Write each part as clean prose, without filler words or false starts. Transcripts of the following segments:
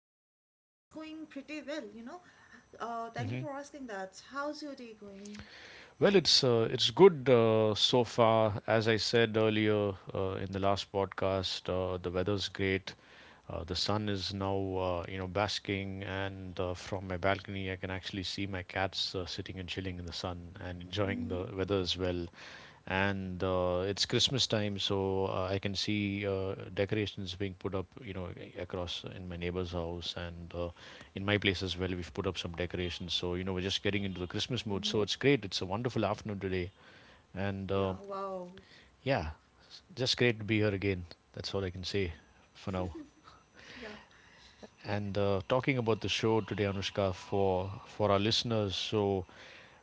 So, my day is going pretty well, thank you Hmm. for asking that. How's your day going? Well, it's good so far. As I said earlier, in the last podcast, the weather's great. The sun is now basking, and from my balcony, I can actually see my cats sitting and chilling in the sun and enjoying Mm-hmm. the weather as well. And It's Christmas time, so I can see decorations being put up, you know, across in my neighbor's house and in my place as well. We've put up some decorations, so you know, we're just getting into the Christmas mood. Mm-hmm. So it's great. It's a wonderful afternoon today, and Yeah, uh, wow. yeah, just great to be here again. That's all I can say for now. Yeah. And Talking about the show today, Anushka, for our listeners. So,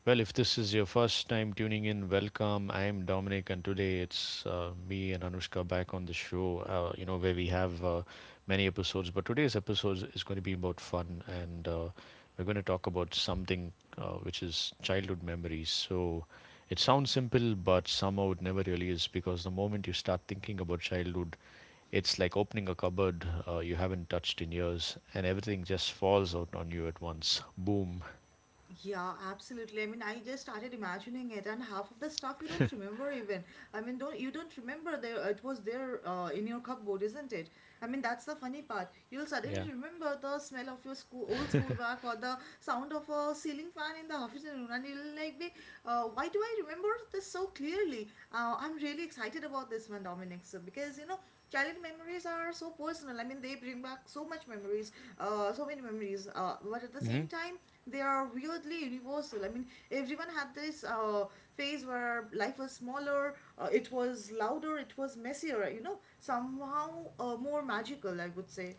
well, if this is your first time tuning in, welcome. I am Dominic, and today it's me and Anushka back on the show. You know where we have many episodes, but today's episode is going to be about fun, and we're going to talk about something which is childhood memories. It sounds simple, but somehow it never really is because the moment you start thinking about childhood, it's like opening a cupboard you haven't touched in years, and everything just falls out on you at once. Boom. Yeah, absolutely. I mean, I just started imagining it, and half of the stuff you don't remember even. I mean, don't remember there it was there in your cupboard, isn't it? I mean, that's the funny part. You'll Yeah. suddenly remember the smell of your school, old school bag or the sound of a ceiling fan in the afternoon, and you'll like be, why do I remember this so clearly? I'm really excited about this one, Dominic, so because you know, childhood memories are so personal. I mean, they bring back so much memories, so many memories, but at the Hmm. same time, they are weirdly universal. I mean, everyone had this phase where life was smaller, it was louder, it was messier, you know, somehow more magical, I would say,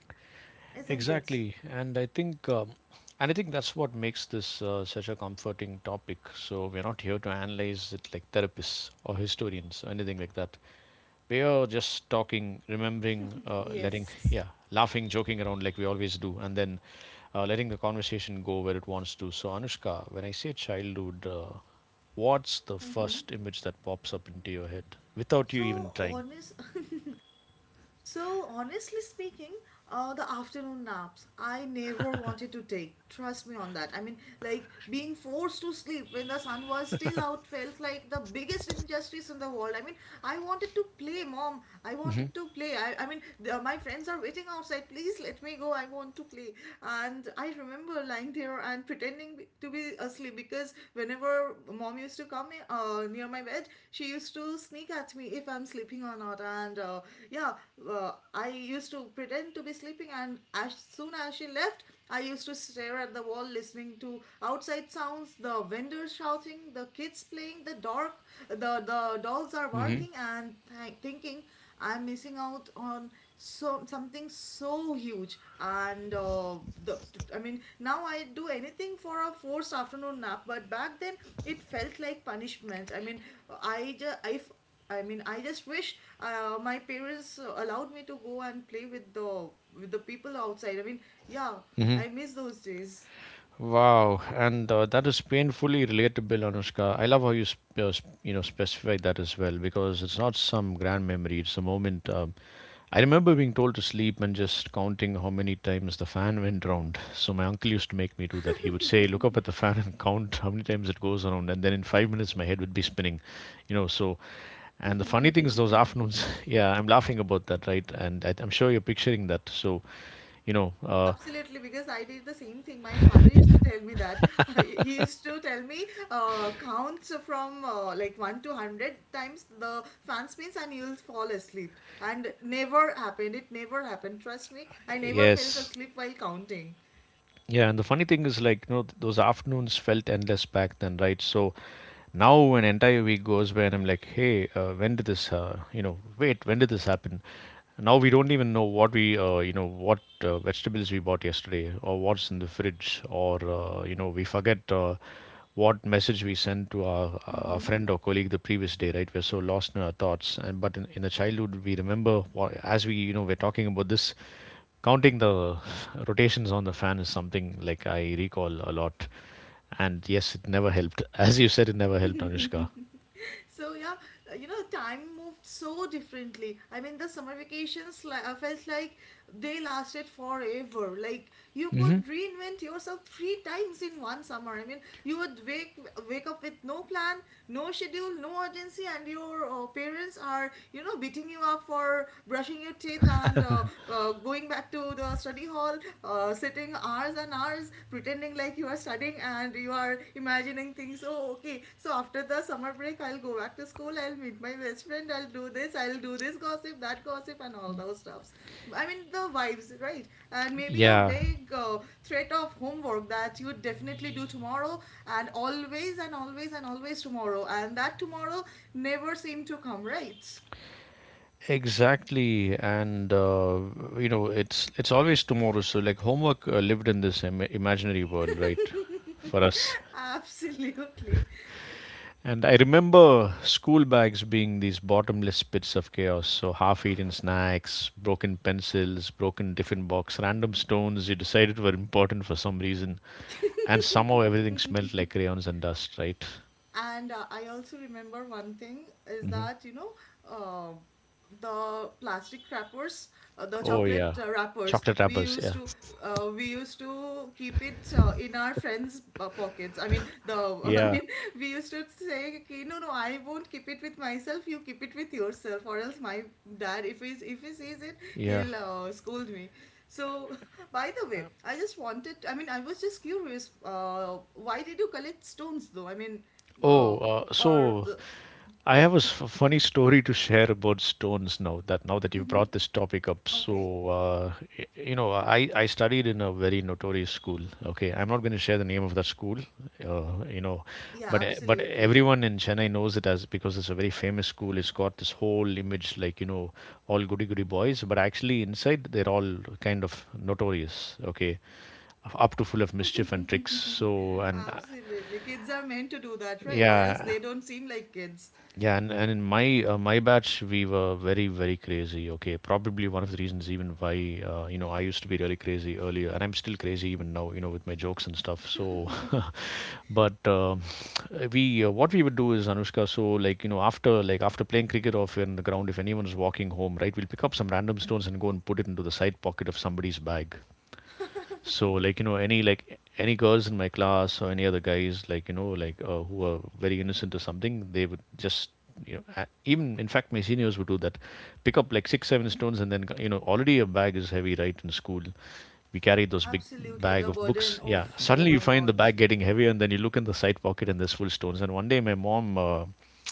isn't it? Exactly, and I think that's what makes this such a comforting topic. So we're not here to analyze it like therapists or historians or anything like that. We are just talking, remembering, Yes. yeah, laughing, joking around like we always do, and then letting the conversation go where it wants to. So Anushka, when I say childhood, what's the hmm first image that pops up into your head without you even So trying? So, honestly speaking, the afternoon naps I never wanted to take. Trust me on that. I mean, like being forced to sleep when the sun was still out felt like the biggest injustice in the world. I mean, I wanted to play, mom. I Mm-hmm. wanted to play. I mean, the, my friends are waiting outside. Please let me go. I want to play. And I remember lying there and pretending to be asleep because whenever mom used to come near my bed, she used to sneak at me if I'm sleeping or not. And yeah, I used to pretend to be sleeping, and as soon as she left, I used to stare at the wall, listening to outside sounds, the vendors shouting, the kids playing, the dark, the dogs are Mm-hmm. barking, and thinking I'm missing out on something so huge, and the I mean now I do anything for a forced afternoon nap, but back then it felt like punishment. I mean, I just if I mean, I just wish my parents allowed me to go and play with the people outside. I mean, yeah, Mm-hmm. I miss those days. Wow, and that is painfully relatable, Anushka. I love how you sp- sp- you know specify that as well because it's not some grand memory. It's a moment. I remember being told to sleep and just counting how many times the fan went round. So my uncle used to make me do that. He would say, "Look up at the fan and count how many times it goes around," and then in five minutes my head would be spinning. You know, so And the funny thing is, those afternoons, yeah, I'm laughing about that, right? And I'm sure you're picturing that. You know, uh, Absolutely, because I did the same thing. My father used to tell me that. He used to tell me count from like 1 to 100 times the fan spins and you'll fall asleep. And never happened. It never happened. Trust me, I never fell yes. asleep while counting. Yeah, and the funny thing is, like, you know, those afternoons felt endless back then, right? So now an entire week goes by, and I'm like, hey, when did this happen? Now we don't even know what what vegetables we bought yesterday, or what's in the fridge, or we forget what message we sent to our friend or colleague the previous day, right? We're so lost in our thoughts, and but in the childhood, we remember what, as we, you know, we're talking about this counting the rotations on the fan is something like I recall a lot. And yes, it never helped. As you said, it never helped, Anushka. So yeah, you know, time moved so differently. I mean, the summer vacations felt like they lasted forever. Like you could Hmm. reinvent yourself three times in one summer. I mean, you would wake up with no plan, no schedule, no urgency, and your parents are you know beating you up for brushing your teeth and going back to the study hall, sitting hours and hours pretending like you are studying and you are imagining things. Oh, okay. So after the summer break, I'll go back to school. I'll meet my best friend. I'll do this. I'll do this gossip, that gossip, and all those stuffs. I mean the vibes, right? And maybe a Yeah, vague threat of homework that you would definitely do tomorrow, and always and always and always tomorrow, and that tomorrow never seemed to come, right? exactly. And you know, it's always tomorrow. So like homework lived in this imaginary world, right? For us. Absolutely. And I remember school bags being these bottomless pits of chaos. So half-eaten snacks, broken pencils, broken tiffin box, random stones you decided were important for some reason. And somehow everything smelled like crayons and dust, right? And I also remember one thing is Hmm. that, you know, uh, the plastic wrappers, the Oh chocolate yeah, wrappers, chocolate wrappers. Yeah, we used to keep it in our friends' pockets. I mean, the I yeah, mean, we used to say, okay, no, no, I won't keep it with myself. You keep it with yourself, or else my dad, if he sees it, yeah. he'll scold me. So, by the way, I just wanted. I mean, I was just curious. Why did you collect stones, though? I mean, uh, Oh, uh, or so the I have a funny story to share about stones now that you've Mm-hmm. brought this topic up. Okay. You know, I studied in a very notorious school. Okay, I'm not going to share the name of that school, uh, you know, Yeah, but but absolutely. everyone in Chennai knows it as because it's a very famous school. It's got this whole image like, you know, all goody goody boys, but actually inside they're all kind of notorious. Okay, up to full of mischief and tricks. So, and Absolutely. Kids are meant to do that, right? Or else Yeah, they don't seem like kids. yeah, and in my batch we were very crazy. Okay, probably one of the reasons even why you know I used to be really crazy earlier, and I'm still crazy even now. You know with my jokes and stuff. So, but we what we would do is, Anushka. So like you know after after playing cricket or in the ground, if anyone's walking home, right, we'll pick up some random stones and go and put it into the side pocket of somebody's bag, so like you know any like any girls in my class or any other guys like you know like who are very innocent or something, they would just you know even in fact my seniors would do that, pick up like 6 7 stones and then you know already a bag is heavy right in school, we carry those big Absolutely. bag The of books. burden Yeah. of, oh Suddenly you my find the God. bag getting heavier, and then you look in the side pocket, and there's full stones. And one day my mom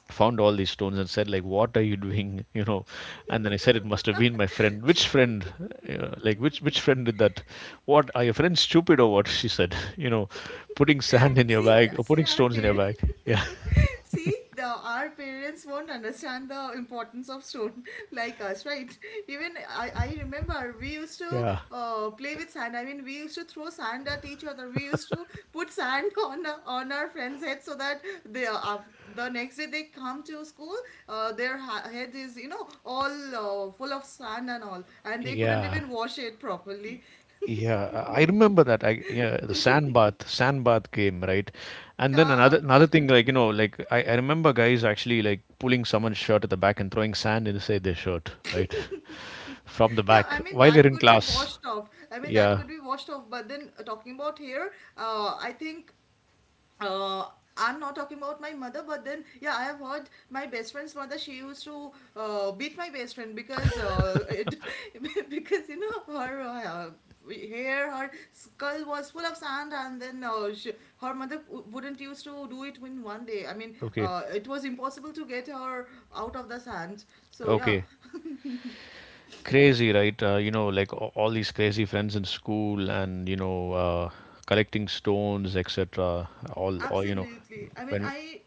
found all these stones and said, like, "What are you doing?" You know. And then I said, "It must have been my friend. Which friend? Like, which friend did that? What are your friends stupid or what?" She said, "You know, putting sand in your See, bag or see putting our stones in your parents. bag." Yeah. See, the, our parents won't understand the importance of stone like us, right? Even I remember we used to Yeah. Play with sand. I mean, we used to throw sand at each other. We used to put sand on our friends' heads so that they, the next day they come to school, head is you know all full of sand and all, and they couldn't Yeah. even wash it properly. Yeah, I remember that. I yeah, the sand bath game, right? And then Yeah, another thing, like you absolutely. know, like I remember guys actually like pulling someone's shirt at the back and throwing sand inside their shirt, right, from the Yeah, back I mean while they're that in could be class. washed off. I mean that Yeah. could be washed off. But then talking about here, uh, I think uh, I'm not talking about my mother. But then yeah, I have heard my best friend's mother. She used to beat my best friend because because you know her hair, her skull was full of sand, and then her mother wouldn't used to do it in one day. I mean, Okay. It was impossible to get her out of the sand. So yeah. Okay. Crazy, right? You know, like all these crazy friends in school, and you know, collecting stones, etc. All you know, Absolutely. I mean, when we. I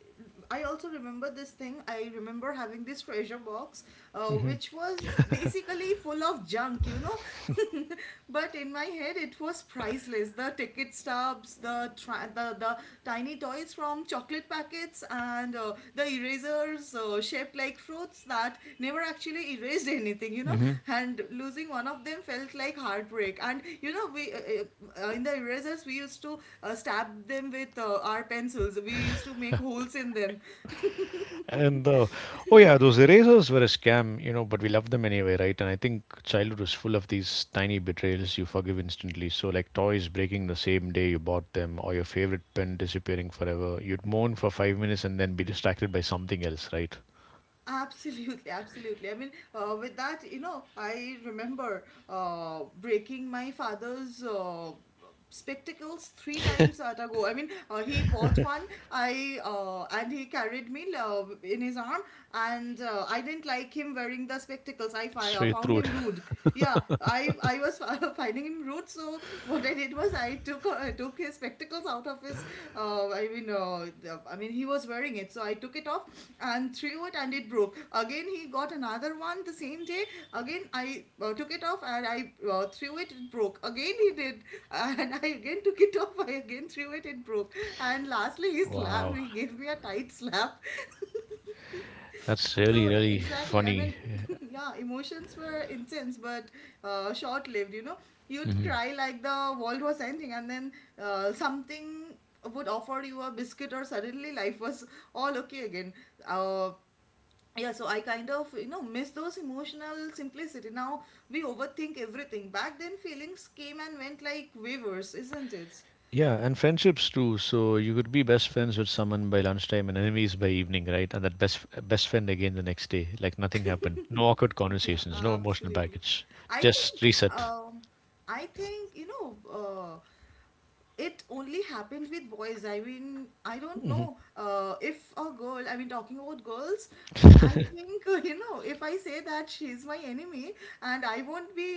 I also remember this thing. I remember having this treasure box, Hmm. which was basically full of junk, you know. But in my head, it was priceless. The ticket stubs, the tra- the tiny toys from chocolate cigarette packets and the erasers shaped like fruits that never actually erased anything, you know. Hmm. And losing one of them felt like heartbreak. And you know, we in the erasers we used to stab them with our pencils. We used to make holes in them. And oh yeah, those erasers were a scam, you know, but we loved them anyway, right? And I think childhood is full of these tiny betrayals you forgive instantly. So like toys breaking the same day you bought them, or your favorite pen disappearing forever. You'd moan for five minutes and then be distracted by something else, right? Absolutely, absolutely. I mean, with that, you know, I remember breaking my father's. Spectacles three times at a go. I mean, he bought one. I And he carried me in his arm, and I didn't like him wearing the spectacles. i fi- So uh, you found threw him it. rude. Yeah, I was finding him rude. So what I did was I took his spectacles out of his. I mean he was wearing it, so I took it off and threw it, and it broke. Again, he got another one the same day. Again, I took it off and I threw it. It broke. Again, he did, and I again took it off. I again threw it. It broke. And lastly, he slapped. Wow, He gave me a tight slap. that's So really exactly, I funny. mean, yeah, emotions were intense but short-lived. You know, you'd Mhm. cry like the world was ending, and then something would offer you a biscuit, or suddenly life was all okay again. Uh, yeah, so I kind of you know miss those emotional simplicity. Now we overthink everything. Back then, feelings came and went like waivers, isn't it? Yeah, and friendships too. So you could be best friends with someone by lunchtime and enemies by evening, right? And that best friend again the next day, like nothing happened. No awkward Yeah, conversations, no emotional absolutely. baggage, I just think reset. um I think you know, it only happened with boys. I mean, I don't know, if a girl I mean talking about girls, I think you know, if I say that she's my enemy and I won't be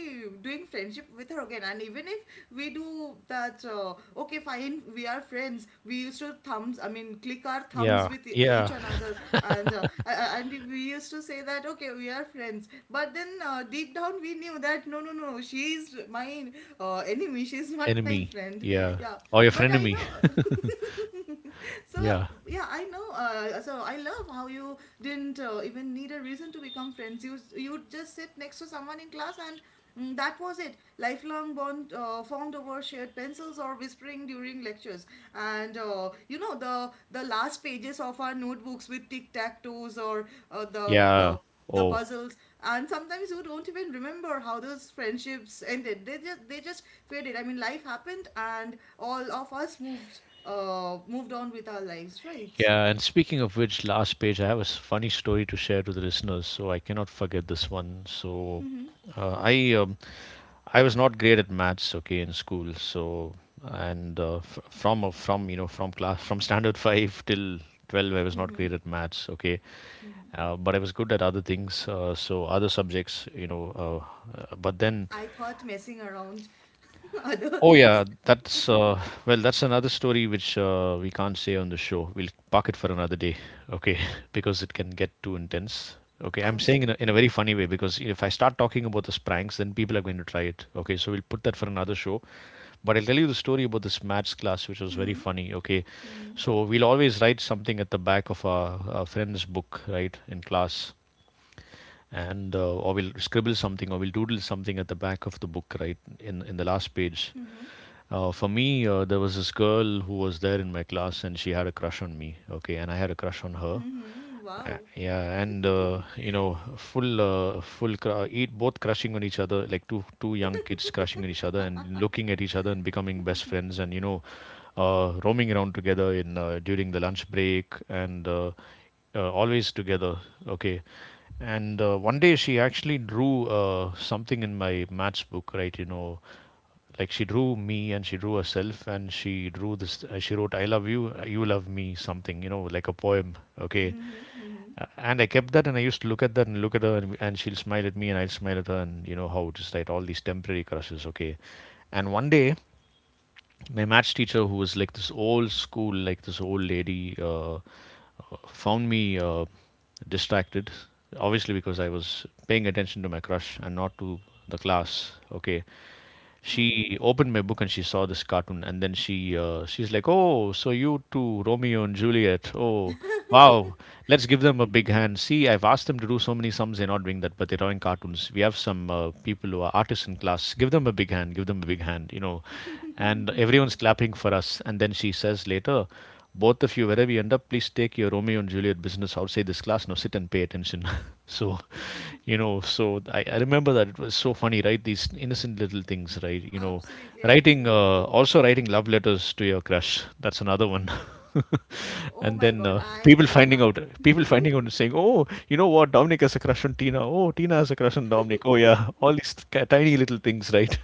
doing friendship with her again, and even if we do that, okay fine, we are friends, we used to thumbs I mean click our thumbs Yeah, with yeah, each another, and I and we used to say that okay we are friends, but then deep down we knew that no, no, no, she is my enemy, she is not my enemy. friend. Yeah, Yeah, or your but I frenemy. know. So Yeah, yeah, I know. So I love how you didn't even need a reason to become friends. You just sit next to someone in class and mm, that was it. Lifelong bond formed over shared pencils or whispering during lectures, and you know, the last pages of our notebooks with tic tac toes or yeah. The Oh, puzzles, and sometimes you don't even remember how those friendships ended. They just faded. I mean, life happened, and all of us moved on with our lives, right? yeah. And speaking of which, last page, I have a funny story to share to the listeners, so I cannot forget this one. Hmm Uh, I uh, I was not great at maths, okay, in school. So and f- from From you know from class from standard five till 12, I was not great at maths, okay, hmm but I was good at other things. So other subjects, you know. Uh, uh, but then, I thought messing around other oh yeah, things. that's well, that's another story which we can't say on the show. We'll park it for another day, okay, because it can get too intense. Okay, I'm saying in in a Absolutely. very funny way because if I start talking about the spranks, then people are going to try it. Okay, so we'll put that for another show. But I'll tell you the story about this maths class, which was very Mm-hmm. funny. Okay, Mm-hmm. so we'll always write something at the back of our friend's book, right, in class, and or we'll scribble something or we'll doodle something at the back of the book, right, in the last page. Mm-hmm. For me, there was this girl who was there in my class, and she had a crush on me. Okay, and I had a crush on her. Mm-hmm. Wow. Yeah, and you know, full, cr- eat both crushing on each other, like two young kids crushing on each other and looking at each other and becoming best friends, and you know, roaming around together in during the lunch break and always together. Okay, and one day she actually drew something in my maths book, right? You know, like she drew me and she drew herself and she drew this. She wrote, "I love you, you love me," something. You know, like a poem. Okay, and I kept that and I used to look at that and look at her and she'll smile at me and I'll smile at her and you know how just like all these temporary crushes. Okay, and one day my maths teacher who was like this old school, like this old lady, found me distracted, obviously because I was paying attention to my crush and not to the class. Okay, Mm-hmm. she opened my book and she saw this cartoon, and then she's like, "Oh, so you too, Romeo and Juliet. Oh, wow, let's give them a big hand. See, I've asked them to do so many sums, they're not doing that, but they're drawing cartoons. We have some people who are artists in class. Give them a big hand. Give them a big hand, you know." And everyone's clapping for us, and then she says later, "Both of you, wherever you end up, please take your Romeo and Juliet business outside this class. Now sit and pay attention." so, so I remember that it was so funny, right? These innocent little things, right? You know, Absolutely, absolutely. also writing love letters to your crush. That's another one. Oh And my then God. I, yeah, people finding out and saying, "Oh, you know what? Dominic has a crush on Tina. Oh, Tina has a crush on Dominic." Oh, yeah. All these tiny little things, right?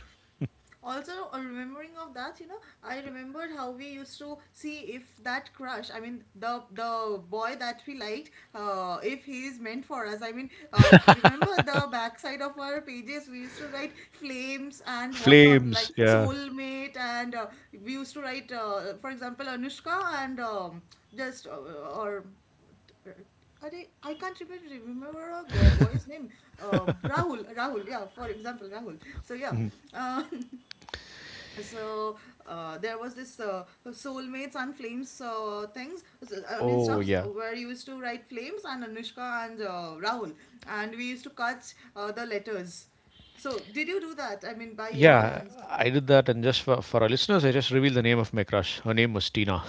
also remembering of that, you know, I remembered how we used to see if that crush, I mean the boy that we liked, if he is meant for us. I mean, remember the backside of our pages, we used to write flames and whatnot like Flames. Yeah. soulmate, and we used to write, for example, Anushka and just or are they- I can't remember. Remember boy's name. Rahul, Rahul, yeah, for example, Rahul. So, yeah, uh, so there was this soulmates and flames things. So, I mean, Oh, stuffs yeah. were used to write flames and anushka and rahul, and we used to cut the letters. So did you do that, I mean, by any Yeah, chance? I did that, and just for our listeners, I just revealed the name of my crush. Her name was Tina.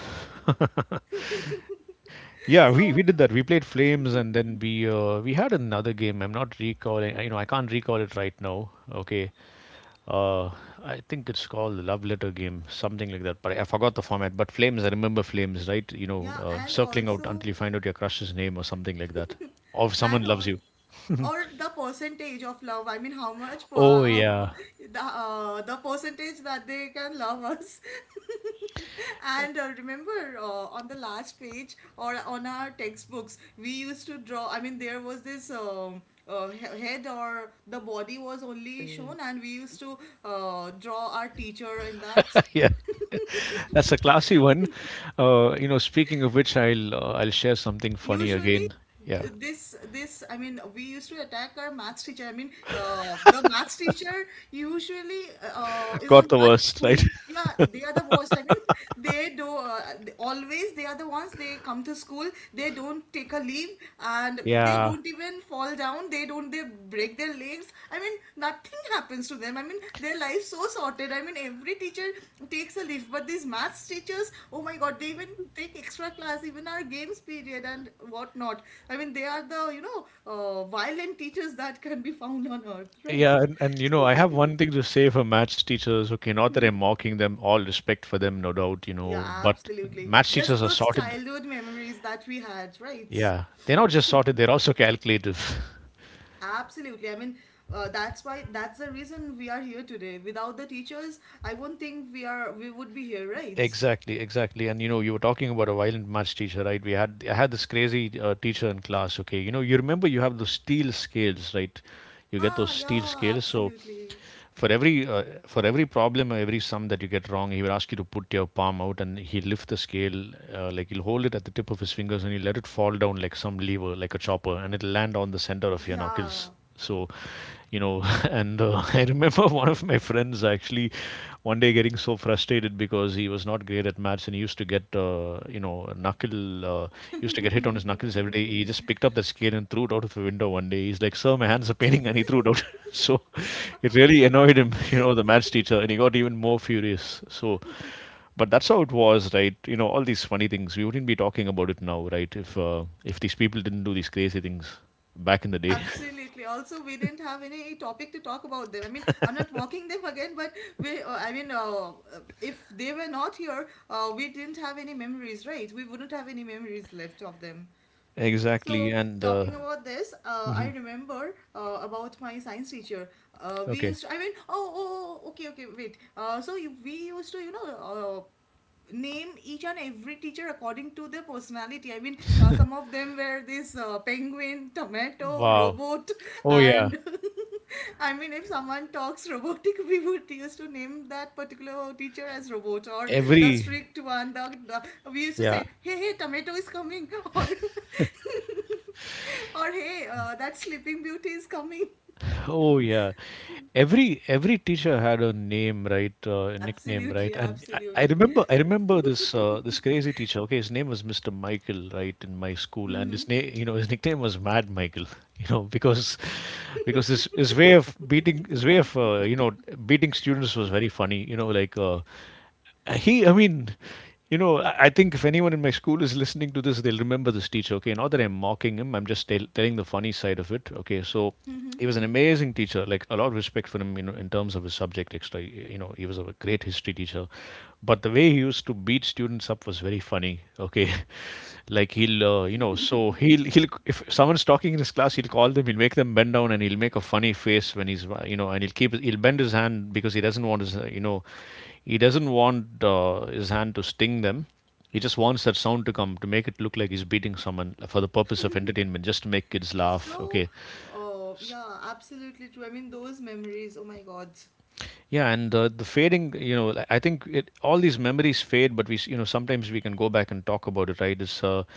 Yeah, we So did that. We played Flames, and then we had another game. I'm not recalling. You know, I can't recall it right now. Okay, uh, I think it's called the Love Letter game, something like that. But I forgot the format. But Flames, I remember Flames, right? You know, yeah, and circling out also until you find out your crush's name or something like that, or if someone and loves all, you. or the percentage of love, I mean, how much Oh how yeah, the percentage that they can love us. And remember, on the last page or on our textbooks, we used to draw, I mean, there was this head or the body was only shown, and we used to draw our teacher in that. yeah. That's a classy one. You know, speaking of which, I'll share something funny Usually again. Yeah, th- this this, I mean, we used to attack our maths teacher, I mean, the maths teacher usually is the got the one worst, right? who. Yeah, they are the worst, I mean, they do always they are the ones, they come to school, they don't take a leave, and they Yeah. don't even fall down, they don't, they break their legs, I mean, nothing happens to them, I mean, their life so sorted, I mean, every teacher takes a leave, but these maths teachers, oh my god, they even take extra class, even our games period and whatnot. I mean, they are the violent teachers that can be found on earth, right? Yeah, and you know, I have one thing to say for maths teachers. Okay, not that I'm mocking them, all respect for them, no doubt, you Yeah, know, but absolutely. maths Just teachers are those sorted. childhood memories that we had, right? Yeah, they're not just sorted, they're also calculative. Absolutely. I mean, that's why, that's the reason we are here today. Without the teachers, I won't think we would be here, right? Exactly, exactly. And you know, you were talking about a violent maths teacher, right? We had I had this crazy teacher in class. Okay, you know, you remember you have those steel scales, right? You get Ah, those steel yeah, scales. So absolutely. For every problem or every sum that you get wrong, he will ask you to put your palm out, and he will lift the scale, like he'll hold it at the tip of his fingers, and he let it fall down like some lever, like a chopper, and it'll land on the center of your knuckles. Yeah. So, you know, and I remember one of my friends actually one day getting so frustrated because he was not great at maths and he used to get, you know, knuckle, used to get hit on his knuckles every day. He just picked up the scale and threw it out of the window one day. He's like, "Sir, my hands are paining," and he threw it out. So it really annoyed him, you know, the maths teacher, and he got even more furious. So, but that's how it was, right? You know, all these funny things we wouldn't be talking about it now, right, if these people didn't do these crazy things back in the day. Absolutely. Also, we didn't have any topic to talk about them. I mean, I'm not mocking them again, but we, if they were not here, we didn't have any memories, right? We wouldn't have any memories left of them. Exactly, So, and talking about this, I remember about my science teacher. We okay. used to, I mean, oh, oh, oh, okay, okay, wait. So, we used to, name each and every teacher according to their personality. I mean, some of them were this penguin, tomato, Wow. robot, Oh yeah. and I mean, if someone talks robotic, we would used to name that particular teacher as robot or the Every. strict one. The We used to Yeah. say, "Hey, hey, tomato is coming," or "Hey, that sleeping beauty is coming." Oh yeah. Every teacher had a name, right? A nickname, right? Absolutely, And I absolutely. remember I remember this this crazy teacher. Okay, his name was Mr. Michael, right, in my school, and his name, you know, his nickname was Mad Michael, you know, because his way of beating, his way of beating students was very funny, you know, like. He, I mean, you know, I think if anyone in my school is listening to this, they'll remember this teacher. Okay, not that I'm mocking him, I'm just telling the funny side of it. Okay, so he was an amazing teacher. Like, a lot of respect for him, you know, in terms of his subject extra. You know, he was a great history teacher, but the way he used to beat students up was very funny. Okay, like he'll you know so he'll he'll, if someone's talking in his class, he'll call them, he'll make them bend down, and he'll make a funny face when he's you know and he'll keep, he'll bend his hand because he doesn't want his he doesn't want his hand to sting them. He just wants that sound to come, to make it look like he's beating someone for the purpose of entertainment, just to make kids laugh. So, Okay, oh, yeah, absolutely true. I mean, those memories, oh my God. yeah, and the fading, you know, I think it, all these memories fade, but you know, sometimes we can go back and talk about it, right? It's a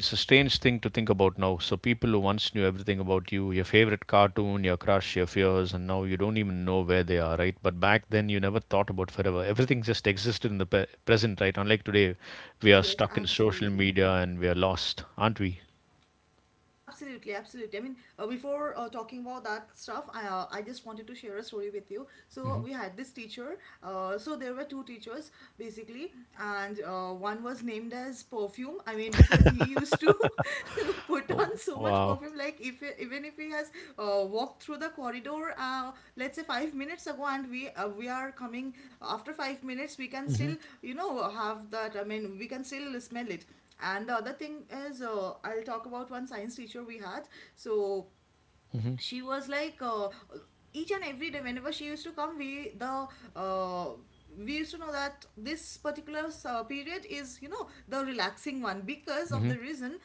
it's a strange thing to think about now. So people who once knew everything about you, your favorite cartoon, your crush, your fears, and now you don't even know where they are, right? But back then, you never thought about forever. Everything just existed in the present, right? Unlike today, we are Yes, stuck in social absolutely. media and we are lost, aren't we? Absolutely, absolutely. I mean, before talking about that stuff, I just wanted to share a story with you. So hmm we had this teacher. So there were two teachers basically, and one was named as perfume. I mean, because he used to put on Oh, so much wow. perfume. Like if even if he has walked through the corridor, let's say 5 minutes ago, and we are coming after 5 minutes, we can hmm still, you know, have that. I mean, we can still smell it. And the other thing is, I'll talk about one science teacher we had. So hmm she was like each and every day whenever she used to come, uh, we used to know that this particular period is, you know, the relaxing one, because of hmm the reason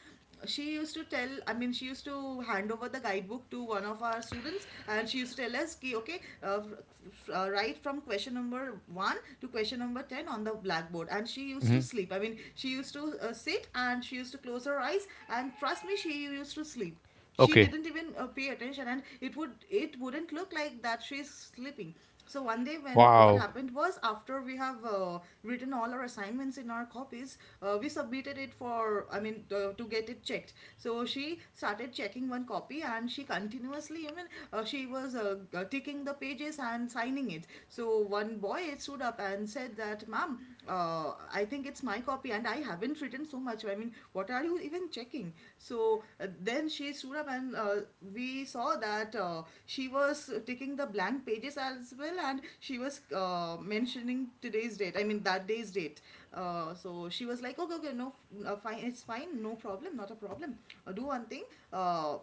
she used to tell, I mean, she used to hand over the guidebook to one of our students, and she used to tell us ki, okay, write from question number 1 to question number 10 on the blackboard, and she used to hmm sleep, I mean, she used to sit and she used to close her eyes, and trust me, she used to sleep, she Okay. didn't even pay attention, and it wouldn't look like that she's sleeping. So one day, when what Wow. happened was, after we have written all our assignments in our copies, we submitted it for, I mean, to get it checked. So she started checking one copy, and she continuously even ticking the pages and signing it. So one boy stood up and said that, ma'am, I think it's my copy and I haven't written so much, I mean, what are you even even checking. So then she stood up, and we saw that she was taking the blank pages as well, and she was mentioning today's date, I mean, that day's date. So she was like, okay, okay, no, fine, it's fine, no problem, not a problem. Do one thing. Uh,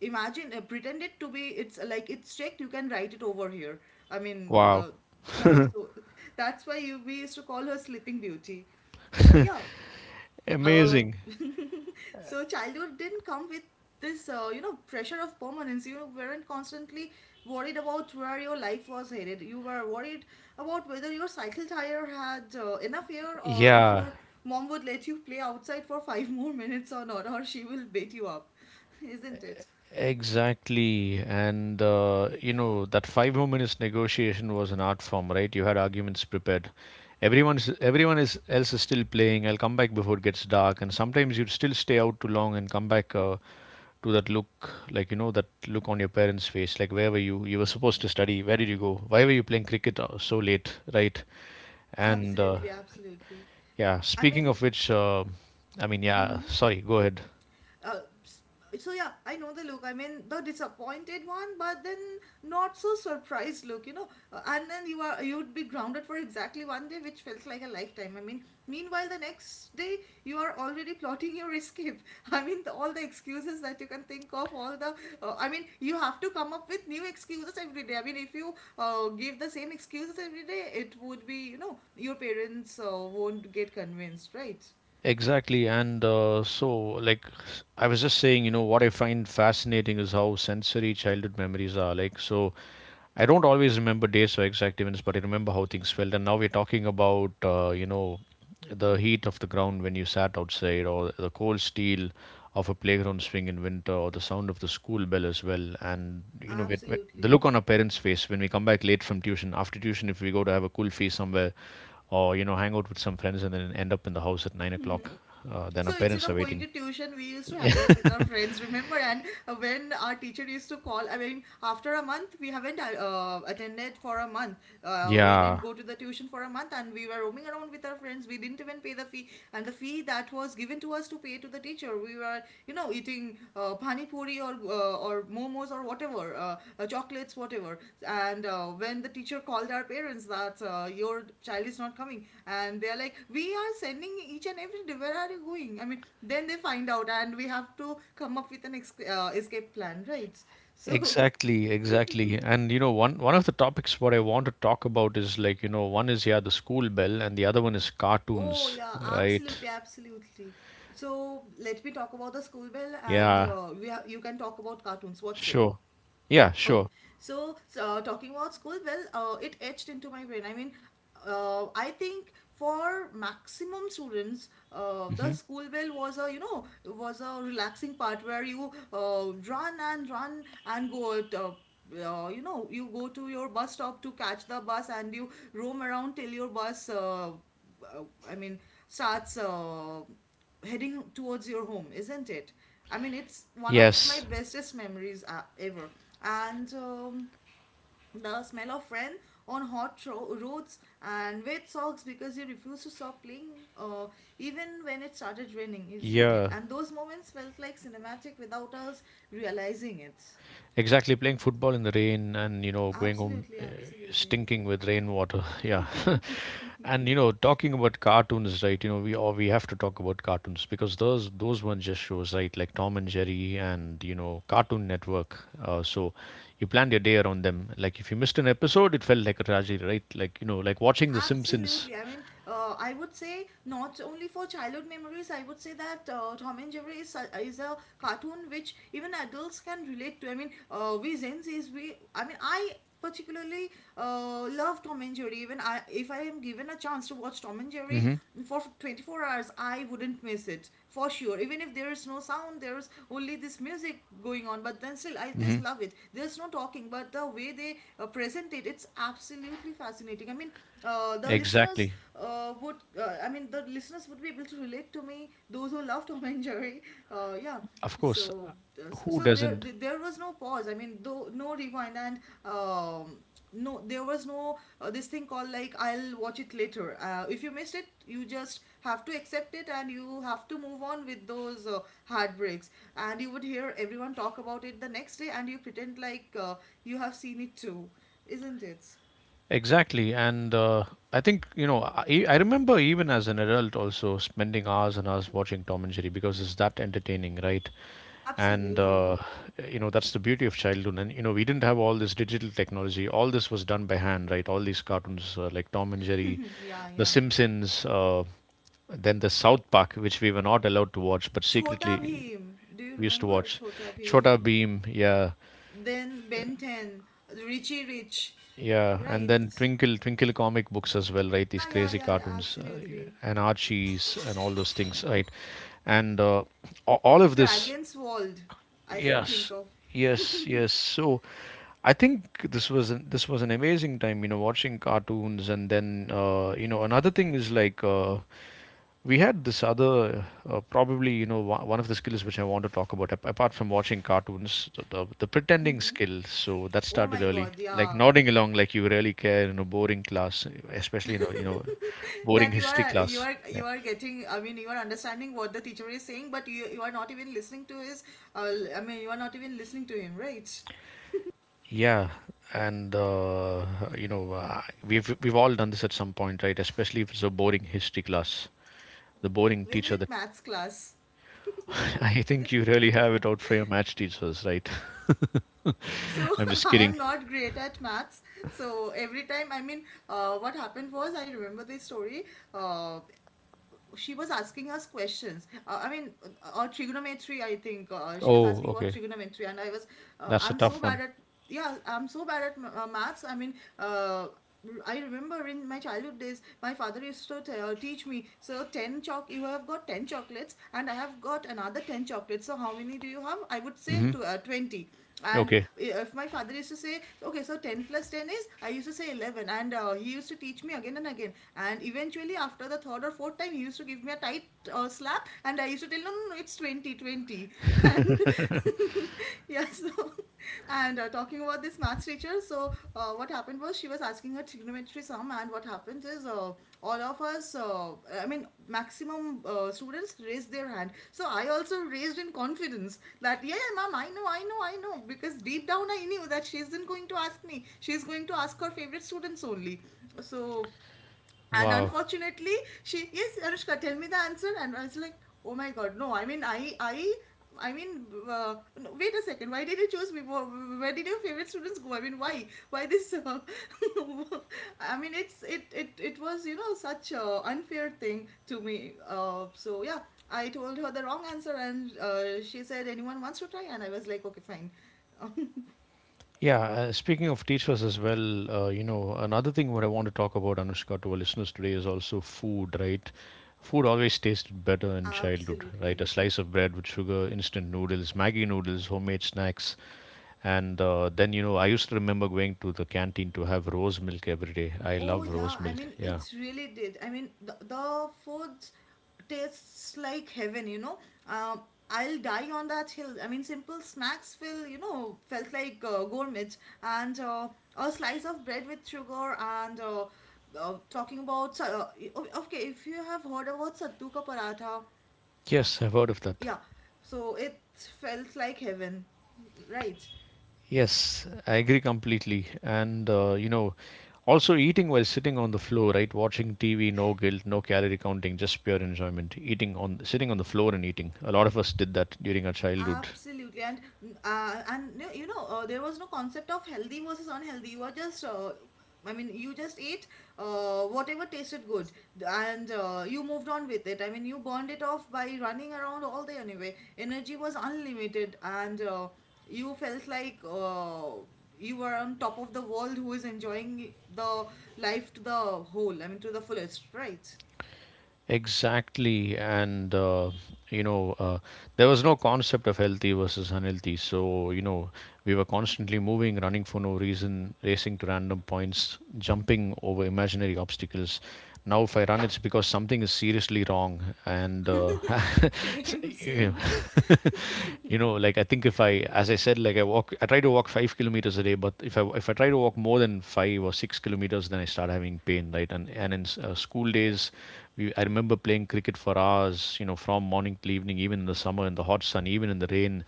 Imagine, pretend it to be, it's like it's checked, you can write it over here, I mean, Wow. Yeah. So that's why you, we used to call her sleeping beauty. So yeah, uh, Amazing. so childhood didn't come with this, you know, pressure of permanence. You weren't constantly worried about where your life was headed. You were worried about whether your cycle tire had enough air, or if Yeah, your mom would let you play outside for five more minutes or not, or she will beat you up, isn't it? exactly. And you know, that five more minutes negotiation was an art form, right? You had arguments prepared. Everyone's everyone is else is still playing. I'll come back before it gets dark. And sometimes you'd still stay out too long and come back to that look, like, you know, that look on your parents' face, like, where were you? You were supposed to study. Where did you go? Why were you playing cricket so late, right? And Absolutely, absolutely. yeah, I speaking of mean, which, uh, I mean, yeah. Sorry, go ahead. Uh, s- so yeah, I know the look. I mean, the disappointed one, but then not so surprised look, you know. And then you'd be grounded for exactly one day, which felt like a lifetime. I mean, meanwhile, the next day you are already plotting your escape. I mean, the, all the excuses that you can think of, all the I mean, you have to come up with new excuses every day. I mean, if you give the same excuses every day, it would be, you know, your parents won't get convinced, right? Exactly, and so, like, I was just saying, you know, what I find fascinating is how sensory childhood memories are. Like, so, I don't always remember dates or exact events, but I remember how things felt. And now we're talking about, you know, the heat of the ground when you sat outside, or the cold steel of a playground swing in winter, or the sound of the school bell as well. And, you know, the Absolutely. look on our parents' face when we come back late from tuition, after tuition, if we go to have a cool feast somewhere, or, you know, hang out with some friends and then end up in the house at nine o'clock, then our So instead parents are of going waiting. to tuition, we used to hang out with our friends, remember? And when our teacher used to call, I mean, after a month, we haven't attended for a month. We didn't Yeah. go to the tuition for a month, and we were roaming around with our friends. We didn't even pay the fee. And the fee that was given to us to pay to the teacher, we were, you know, eating pani puri or momos or whatever, chocolates, whatever. And when the teacher called our parents that, your child is not coming, and they are like, we are sending each and every day. Where are you going? I mean, then they find out, and we have to come up with an escape plan, right? So, Exactly, exactly. And you know, one of the topics what I want to talk about is like, you know, one is, yeah, the school bell and the other one is oh cartoons, yeah, right? absolutely, absolutely. So let me talk about the school bell, and Yeah, you can talk about cartoons. What say? sure. Yeah, Okay, sure. so, talking about school, well, it etched into my brain. I mean, I think for maximum students, the Hmm. school bell was a you know was a relaxing part where you run and go out. You know, you go to your bus stop to catch the bus, and you roam around till your bus uh, I mean, starts heading towards your home, isn't it? I mean, it's one of my Yes. bestest memories ever. And the smell of rain on hot roads and wet socks because you refuse to stop playing, uh, even when it started raining, isn't it? Yeah. And those moments felt like cinematic without us realizing it. Exactly, playing football in the rain and, you know, going home Absolutely, absolutely. stinking with rainwater. Yeah. And you know, talking about cartoons, right? You know, we have to talk about cartoons because those ones just shows, right? Like Tom and Jerry and you know Cartoon Network. So you planned your day around them. Like if you missed an episode, it felt like a tragedy, right? Like, you know, like watching The Simpsons. Absolutely. I mean, I would say not only for childhood memories, I would say that Tom and Jerry is a cartoon which even adults can relate to. I mean, we Gen Zs, I particularly love Tom and Jerry. Even I, if I am given a chance to watch Tom and Jerry Mm-hmm. for 24 hours, I wouldn't miss it for sure. Even if there is no sound, there's only this music going on, but then still, I Mm-hmm. just love it. There's no talking, but the way they present it, it's absolutely fascinating. I mean, the listeners Exactly. I mean, the listeners would be able to relate to me. Those who love Tom and Jerry, yeah. Of course, So, who doesn't? There was no pause. I mean, though, no rewind and um, no, there was no this thing called like I'll watch it later. If you missed it, you just have to accept it and you have to move on with those heartbreaks. And you would hear everyone talk about it the next day, and you pretend like you have seen it too, isn't it? Exactly. And I think, you know, I remember even as an adult also spending hours and hours watching Tom and Jerry because it's that entertaining, right? And, Absolutely. You know, that's the beauty of childhood. And, you know, we didn't have all this digital technology. All this was done by hand, right? All these cartoons like Tom and Jerry, Yeah, The yeah. Simpsons, then the South Park, which we were not allowed to watch, but Chota secretly Bheem. Do you we used to remember watch. Chota Chota Bheem? Beam, yeah. Then Ben 10, Richie Rich, Yeah, and right? then Twinkle Twinkle comic books as well, right? These Yeah, yeah, crazy yeah, yeah, cartoons absolutely. and Archie's and all those things, right? And all The of this. Dragon's World, I can think Yes, of. yes, yes. So, I think this was an amazing time, you know, watching cartoons, and then you know, another thing is like we had this other probably you know one of the skills which I want to talk about apart from watching cartoons, the pretending Mhm. skill. So that Oh started my early, God, like yeah. nodding along like you really care in a boring class, especially in a you know boring That you history are you class. are Yeah. you are getting, I mean, you are understanding what the teacher is saying, but you are not even listening to I mean, you are not even listening to him, right? Yeah, and you know, uh, we've all done this at some point, right? Especially if it's a boring history class, the boring Even teacher with that maths class. I think you really have it out for your match teachers, right? So, I'm just I kidding. am not great at maths. So every time, I mean, what happened was, I remember this story. uh, she was asking us questions, or trigonometry, I think. She was Oh, asking about okay, trigonometry, and that's a I'm so tough bad one. at... yeah, I'm so bad at maths. I mean, I remember in my childhood days, my father used to teach me. So, 10 you have got 10 chocolates, and I have got another 10 chocolates. So, how many do you have? I would say Hmm. to, 20. And Okay, if my father used to say, okay, so 10 plus 10 is, I used to say 11. And he used to teach me again and again, and eventually after the third or fourth time, he used to give me a tight slap. And I used to tell, no, no, no, it's 20, 20. And yeah. So, and talking about this maths teacher, so what happened was, she was asking her trigonometry sum. And what happens is, all of us, I mean, maximum students raised their hand. So I also raised in confidence that, yeah, yeah, ma'am, I know, I know, I know, because deep down I knew that she isn't going to ask me, she's going to ask her favorite students only. So, and wow. unfortunately, she yes, Anushka, tell me the answer. And I was like, oh my God, no. I mean, no, wait a second. Why did you choose me? Where did your favorite students go? I mean, why? Why this? I mean, it's it it it was such a unfair thing to me. So yeah, I told her the wrong answer. And she said, anyone wants to try? And I was like, okay, fine. Yeah, speaking of teachers as well, you know, another thing what I want to talk about, Anushka, to our listeners today is also food, right? Food always tasted better in childhood, right? Absolutely. A slice of bread with sugar, instant noodles, Maggie noodles, homemade snacks. And then, you know, I used to remember going to the canteen to have rose milk every day. I Oh love yeah, rose I milk. mean Yeah. it's really did. I mean the food tastes like heaven, you know. Um, I'll die on that hill. I mean simple snacks felt like gourmet. And a slice of bread with sugar. And talking about okay, if you have heard about sattu ka paratha, Yes, I've heard of that. yeah. So it felt like heaven, right? Yes, I agree completely. And, you know, also eating while sitting on the floor, right? Watching TV, no guilt, no calorie counting, just pure enjoyment. Eating on, sitting on the floor and eating. A lot of us did that during our childhood. Absolutely. And there was no concept of healthy versus unhealthy. You were just, I mean, you just ate whatever tasted good. And you moved on with it. I mean, you burned it off by running around all day anyway. Energy was unlimited. And you felt like you were on top of the world, who is enjoying the life to the whole. I mean, to the fullest, right? Exactly. And, you know, uh, there was no concept of healthy versus unhealthy. So, you know, we were constantly moving, running for no reason, racing to random points, jumping over imaginary obstacles. Now, if I run, it's because something is seriously wrong. And, Same, you same. know, like I think if I, as I said, like I walk, I try to walk 5 kilometers a day, but if I try to walk more than 5 or 6 kilometers, then I start having pain, right? And in school days, we I remember playing cricket for hours, you know, from morning till evening, even in the summer, in the hot sun, even in the rain.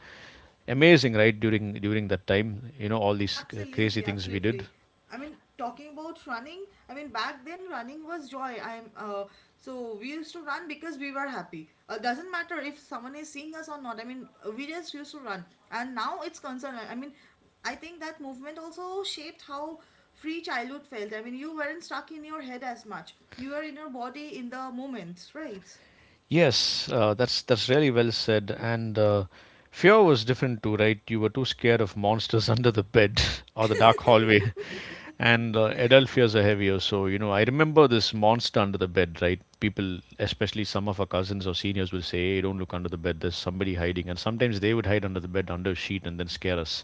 Amazing, right? During that time, you know, all these crazy Absolutely, things we did. absolutely. I mean, talking about running, I mean, back then running was joy. I'm So we used to run because we were happy. Doesn't matter if someone is seeing us or not. I mean, we just used to run. And now it's concerned. I mean, I think that movement also shaped how free childhood felt. I mean, you weren't stuck in your head as much. You were in your body in the moment, right? Yes, that's really well said. And fear was different too, right? You were too scared of monsters under the bed or the dark hallway, and adult fears are heavier. So you know, I remember this monster under the bed, right? People, especially some of our cousins or seniors, will say, "Hey, don't look under the bed. There's somebody hiding." And sometimes they would hide under the bed, under a sheet, and then scare us.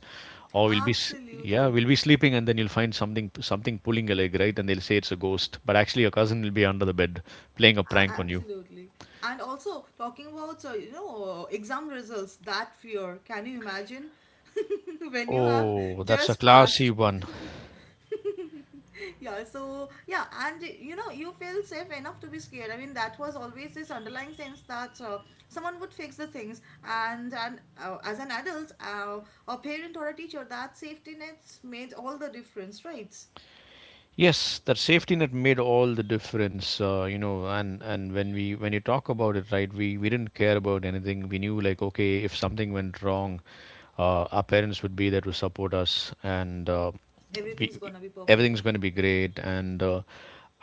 Or we'll be, yeah, Absolutely. we'll be sleeping, and then you'll find something, something pulling a leg, right? And they'll say it's a ghost, but actually your cousin will be under the bed playing a prank on you. Absolutely. And also talking about exam results, that fear. Can you imagine, when you have Oh, that's a just classy passed? one. Yeah, so yeah, and you feel safe enough to be scared. I mean that was always this underlying sense that someone would fix the things, and as an adult, a parent or a teacher, that safety nets made all the difference, right? Yes, that safety net made all the difference, you know, and when we when you talk about it, right, we didn't care about anything. We knew like, okay, if something went wrong, our parents would be there to support us, and Everything's we, gonna be everything's perfect. going to be great. And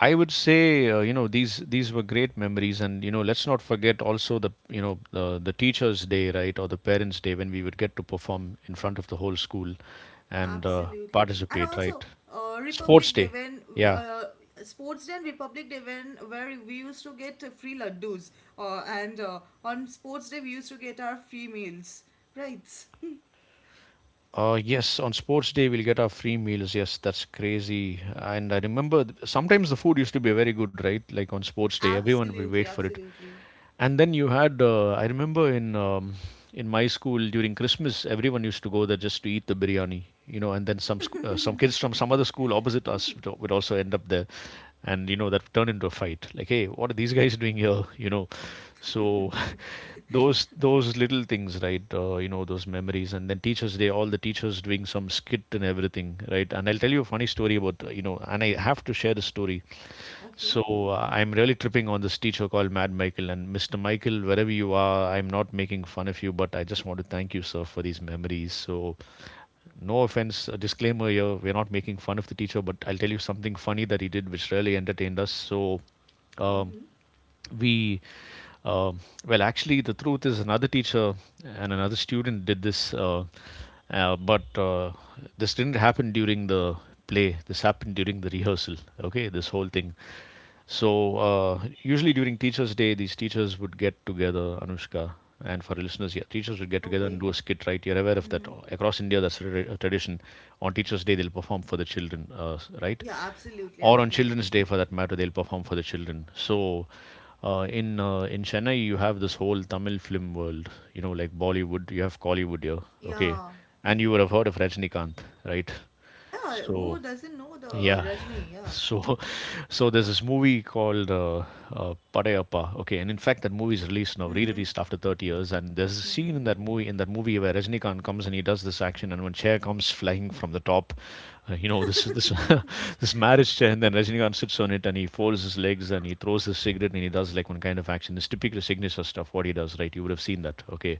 I would say, you know, these were great memories, and you know, let's not forget also the you know the teachers' day, right, or the parents' day when we would get to perform in front of the whole school and Absolutely. And participate, also, right? Sports Republic Day, Day. when Yeah. Sports Day and Republic Day, when where we used to get free laddus, and on Sports Day we used to get our free meals, right? Yes, on Sports Day we'll get our free meals. Yes, that's crazy. And I remember sometimes the food used to be very good, right? Like on Sports Day, everyone will wait Absolutely, for it. absolutely. And then you had, I remember in my school during Christmas, everyone used to go there just to eat the biryani, you know. And then some some kids from some other school opposite us would also end up there, and you know that turned into a fight. Like, hey, what are these guys doing here? You know, so those little things, right? You know, those memories. And then Teachers Day, all the teachers doing some skit and everything, right? And I'll tell you a funny story about you know, and I have to share the story. So Okay. I'm really tripping on this teacher called Mad Michael. And Mr. Michael, wherever you are, I'm not making fun of you, but I just want to thank you, sir, for these memories. So no offense, a disclaimer here, we're not making fun of the teacher, but I'll tell you something funny that he did, which really entertained us. So um, Mm-hmm. we uh, well, actually the truth is another teacher and another student did this but this didn't happen during the play, this happened during the rehearsal, okay, this whole thing. So usually during Teachers Day these teachers would get together, Anushka, and for our listeners, yeah, teachers would get together and Okay. do a skit, right? You're aware of that, Mm-hmm. across India, that's a a tradition. On Teachers Day they'll perform for the children, right, Yeah, absolutely, or on Children's absolutely. Day for that matter, they'll perform for the children. So in in Chennai, you have this whole Tamil film world, you know, like Bollywood, you have Kollywood here, okay, Yeah. and you would have heard of Rajnikant, right? Yeah, So who doesn't know the yeah, Rajni? Yeah. so so there's this movie called Padayappa, okay, and in fact that movie is released now, Mm-hmm. re-released after 30 years, and there's a scene in that movie where Rajnikant comes and he does this action, and when chair comes flying from the top, you know, this Mm-hmm. this marriage chair, and then Rajinikanth sits on it and he folds his legs and he throws his cigarette and he does like one kind of action, this typical signature stuff what he does, right? You would have seen that, okay.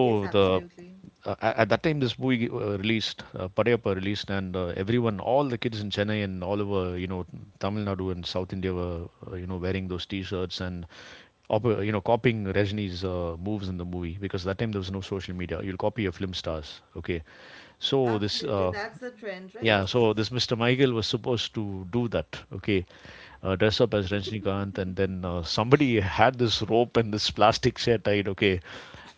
Yes, the absolutely. uh, at that time this movie released, Padayappa released, and everyone, all the kids in Chennai and all over, you know, Tamil Nadu and South India, were you know, wearing those t-shirts and you know, copying Rajini's moves in the movie, because that time there was no social media, you'll copy your film stars, okay. So this Absolutely. That's the trend, right? yeah, so this Mr. Michael was supposed to do that, okay? Dress up as Rajnikant, and then somebody had this rope and this plastic chair tied, okay?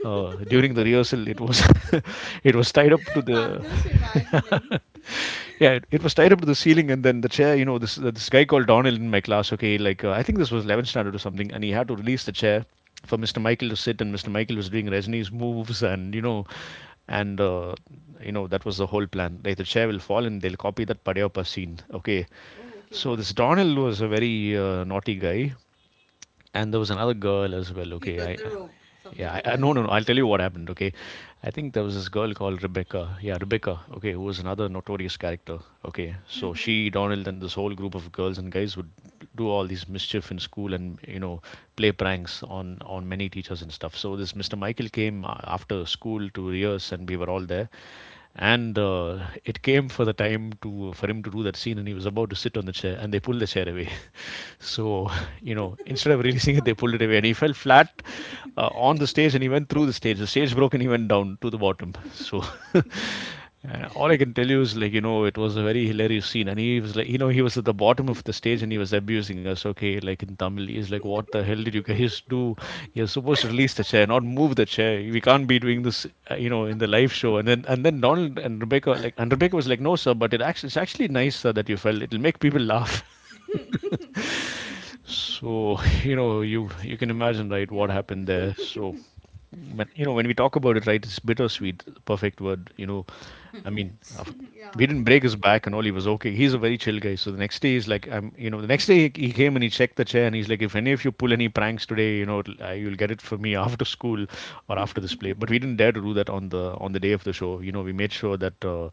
During the rehearsal, it was it was tied up to I'm the just imagining. yeah, it was tied up to the ceiling, and then the chair. You know, this this guy called Donald in my class. Okay, like I think this was 11th standard or something, and he had to release the chair for Mr. Michael to sit, and Mr. Michael was doing Resni's moves, and you know that was the whole plan. Like the chair will fall and they'll copy that Padayappa scene. Okay, Oh, okay. so this Donald was a very naughty guy, and there was another girl as well, He okay, got the rope, yeah, something like I that. no no no, I'll tell you what happened, okay. I think there was this girl called Rebecca, yeah, Rebecca, okay, who was another notorious character, okay. So she, Mm-hmm. Donald, and this whole group of girls and guys would do all these mischief in school, and you know, play pranks on many teachers and stuff. So this Mr. Michael came after school to rehearse, and we were all there, and it came for the time to for him to do that scene, and he was about to sit on the chair and they pulled the chair away. So, you know, instead of releasing it, they pulled it away, and he fell flat on the stage, and he went through the stage. The stage broke, and he went down to the bottom. So. And all I can tell you is like, you know, it was a very hilarious scene, and he was like, you know, he was at the bottom of the stage and he was abusing us. Okay, like in Tamil, he's like, "What the hell did you guys do? You're supposed to release the chair, not move the chair. We can't be doing this, you know, in the live show." And then Donald and Rebecca like, and Rebecca was like, "No, sir, but it actually it's actually nice sir that you fell. It'll make people laugh." So, you know, you can imagine, right, Yeah. what happened there. So, when you know, when we talk about it, right, it's bittersweet, the perfect word. You know, I mean, Yeah, we didn't break his back and all. absolutely. He was okay. He's a very chill guy. So the next day, he's like, the next day he came and he checked the chair and he's like, if any of you pull any pranks today, you'll get it for me after school or after this play. But we didn't dare to do that on the day of the show. You know, we made sure that.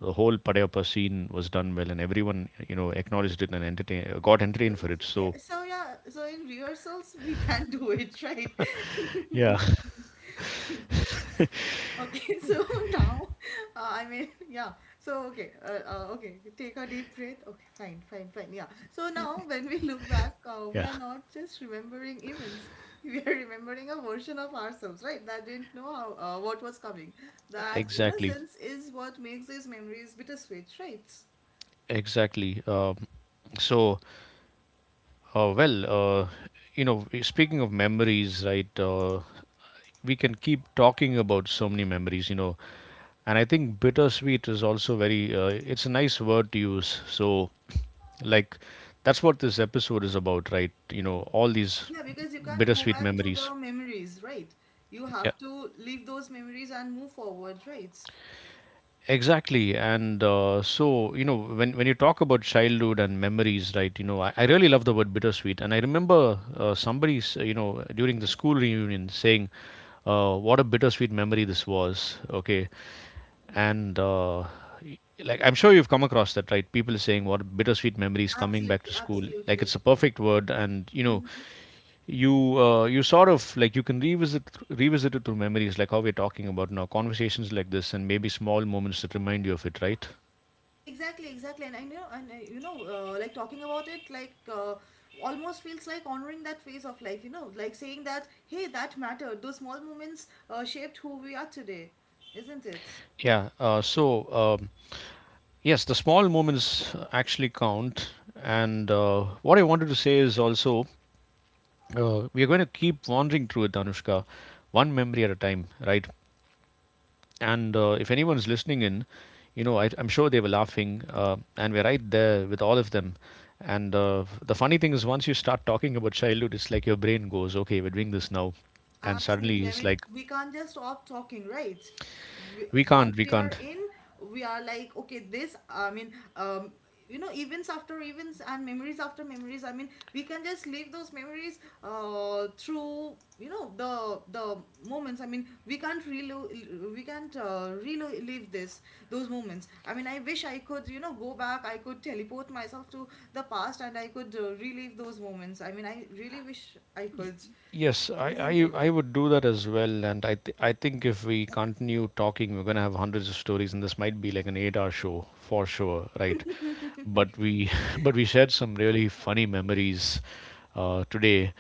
The whole Padayappa scene was done well, and everyone, you know, acknowledged it and got So, entertained for it. so, yeah, So, so yeah, so in rehearsals we can do it, right? yeah. Okay, so now, I mean, yeah. So, okay, okay. Take a deep breath. Okay, fine, fine, fine. Yeah. So now, when we look back, we Yeah. are not just remembering events. We are remembering a version of ourselves, right? That didn't know how what was coming. That Exactly, innocence is what makes these memories bittersweet, right? exactly. So, well, uh, speaking of memories, right? We can keep talking about so many memories, you know, and I think bittersweet is also very. It's a nice word to use. So, like, that's what this episode is about, right? You know, all these Yeah, because you can't go bittersweet back to memories. the memories, right? You Yeah. have to leave those memories and move forward, right? Exactly. And so, you know, when you talk about childhood and memories, right, I really love the word bittersweet. And I remember somebody, during the school reunion saying, what a bittersweet memory this was. Okay. And, like I'm sure you've come across that, right? People saying what bittersweet memories coming back Absolutely, to school. Like absolutely. it's a perfect word, and you sort of like you can revisit it through memories, like how we're talking about now, conversations like this, and maybe small moments that remind you of it, right? Exactly, exactly. And I know. And like, talking about it, like, uh, almost feels like honoring that phase of life, you know, like saying that, hey, that mattered. Those small moments shaped who we are today, isn't it? Yeah. So yes, the small moments actually count. And what I wanted to say is also we are going to keep wandering through it, Anushka, one memory at a time, right? And if anyone's listening in, I'm sure they were laughing, and we're right there with all of them. And the funny thing is, once you start talking about childhood, it's like your brain goes, okay, we're doing this now. And suddenly Absolutely. I it's mean, like, we can't just stop talking, right? We, we once can't, we we are can't. in, we are like, okay, this, I mean, you know, events after events and memories after memories. I mean, we can just leave those memories through, you know, the moments. I mean, we can't we can't relive this those moments. I mean, I wish I could, you know, go back. I could teleport myself to the past, and I could relive those moments. I mean, I really wish I could, Yes, I, isn't it? I I would do that as well, and I think if we continue talking, we're gonna have hundreds of stories, and this might be like an 8-hour show for sure, right? But we but we shared some really funny memories today,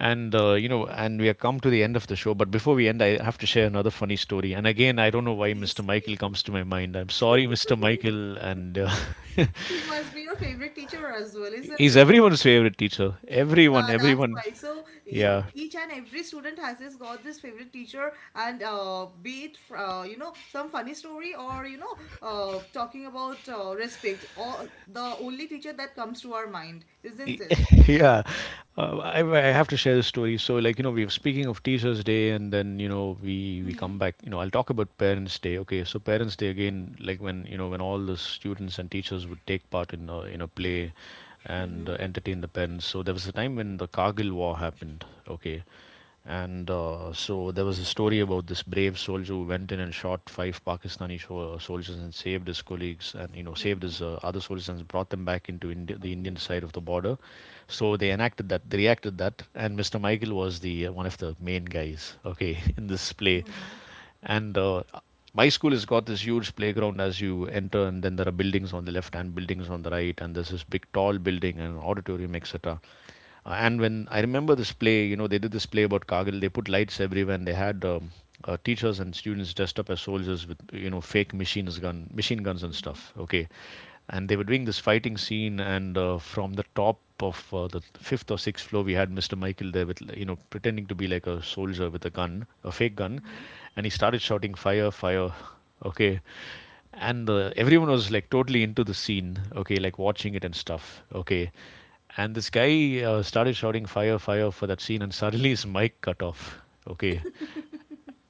and and we have come to the end of the show. But before we end, I have to share another funny story, and again, I don't know why Mr. Yes, please. Michael comes to my mind. I'm sorry, Mr. Michael, and He must be your favorite teacher as well, isn't he's it? everyone's favorite teacher. Everyone, Yeah, that's everyone, why. So, yeah. each and every student has this got this favorite teacher. And be it some funny story, or talking about respect, or the only teacher that comes to our mind, isn't Y- it? Yeah, I have to share this story. So, like we were speaking of Teachers Day, and then we come Mm-hmm. back. I'll talk about Parents Day. Okay, so Parents Day again, like when you know when all the students and teachers would take part in a play, Mm-hmm. and entertain the parents. So there was a time when the Kargil War happened. Okay, and so there was a story about this brave soldier who went in and shot five Pakistani soldiers and saved his colleagues and saved his other soldiers and brought them back into the Okay. Indian side of the border. So they enacted that, they reacted that, and Mr. Michael was the one of the main guys, okay, in this play. Mm-hmm. And my school has got this huge playground as you enter, and then there are buildings on the left and buildings on the right, and there's this big tall building and an auditorium, etc. And when I remember this play, they did this play about Kargil. They put lights everywhere, and they had teachers and students dressed up as soldiers with fake machine guns and stuff. Okay, and they were doing this fighting scene, and from the top of the fifth or sixth floor, we had Mr. Michael there with pretending to be like a soldier with a gun, a fake gun, Mm-hmm. and he started shouting, fire, fire. Okay. And everyone was like totally into the scene, okay, like watching it and stuff, okay. And this guy started shouting, fire, fire, for that scene, and suddenly his mic cut off. Okay.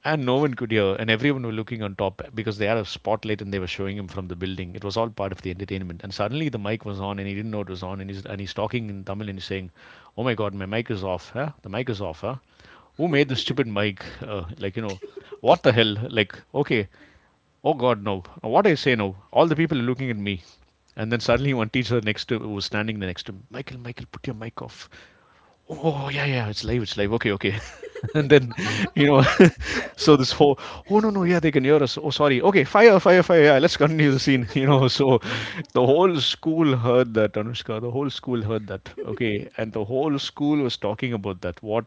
And no one could hear, and everyone were looking on top because they had a spotlight and they were showing him from the building. It was all part of the entertainment. And suddenly the mic was on, and he didn't know it was on, and he's talking in Tamil, and he's saying, oh my god, my mic is off, huh? The mic is off, huh? Who made this stupid mic? Like, what the hell? Like, okay, oh God, no. What I say now? All the people are looking at me. And then suddenly one teacher next to who was standing next to him, Michael, Michael, put your mic off. Oh yeah, yeah, it's live, it's live. Okay, okay. And then, you know, so this whole, oh no no, yeah they can hear us, oh sorry, okay, fire, fire, fire, yeah, let's continue the scene. So, the whole school heard that, Anushka. The whole school heard that, okay. And the whole school was talking about that, what,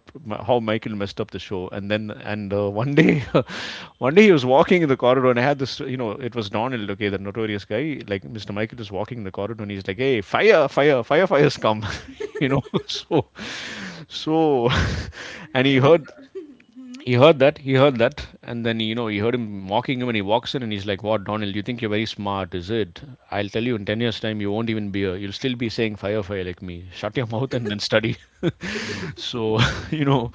how Michael messed up the show. And then and one day one day he was walking in the corridor and I had this, it was Donald, okay, the notorious guy. Like, Mr Michael is walking in the corridor and he's like, hey, fire, fire, firefighters come. So, so, and he Remember. heard he heard that he heard that And then he heard him mocking him, and he walks in and he's like, what, Donald, you think you're very smart, is it? I'll tell you, in 10 years time, you won't even be a you'll still be saying fire, fire like me. Shut your mouth and then study. So, you know,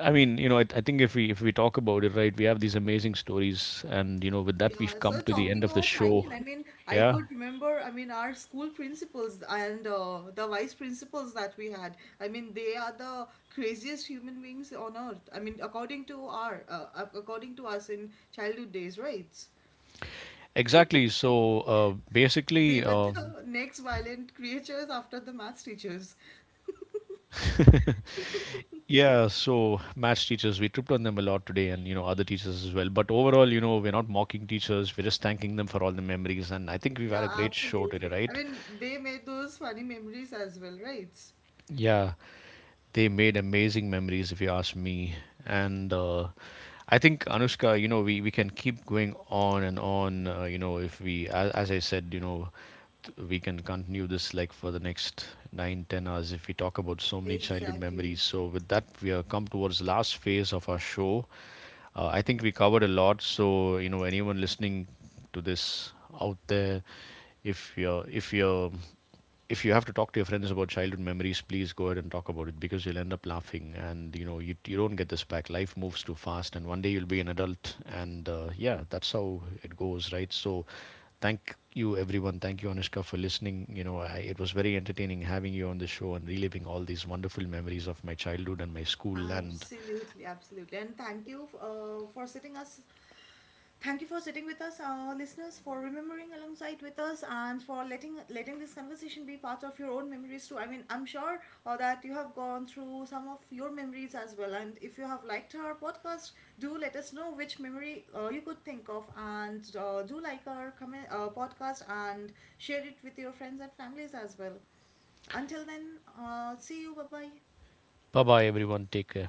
I mean, you know, I think if we talk about it, right, we have these amazing stories, and you know with that we've Yeah, come so to the end talking of the about Michael, show. I mean, I Yeah, could remember, I mean, our school principals and the vice principals that we had. I mean, they are the craziest human beings on earth. I mean, according to us in childhood days, right? exactly, so They basically were the next violent creatures after the maths teachers. yeah, so match teachers, we tripped on them a lot today and, other teachers as well. But overall, we're not mocking teachers, we're just thanking them for all the memories. And I think we've had a Yeah, great show today, absolutely. I right? mean, they made those funny memories as well, right? Yeah, they made amazing memories, if you ask me. And I think, Anushka, we can keep going on and on, if we, as I said, we can continue this like for the next 9, 10 hours if we talk about so many childhood Exactly. memories. So, with that, we are come towards the last phase of our show. I think we covered a lot. So anyone listening to this out there, if you're if you're if you have to talk to your friends about childhood memories, please go ahead and talk about it because you'll end up laughing, and you don't get this back. Life moves too fast, and one day you'll be an adult, and yeah, that's how it goes, right? So, thank you everyone. Thank you, Anushka, for listening. It was very entertaining having you on the show and reliving all these wonderful memories of my childhood and my school. And Absolutely, absolutely. And thank you for sitting with us, our listeners, for remembering alongside with us, and for letting this conversation be part of your own memories too. I mean, I'm sure that you have gone through some of your memories as well. And if you have liked our podcast, do let us know which memory you could think of. And do like our comment, podcast, and share it with your friends and families as well. Until then, see you. Bye bye. bye bye, everyone. Take care.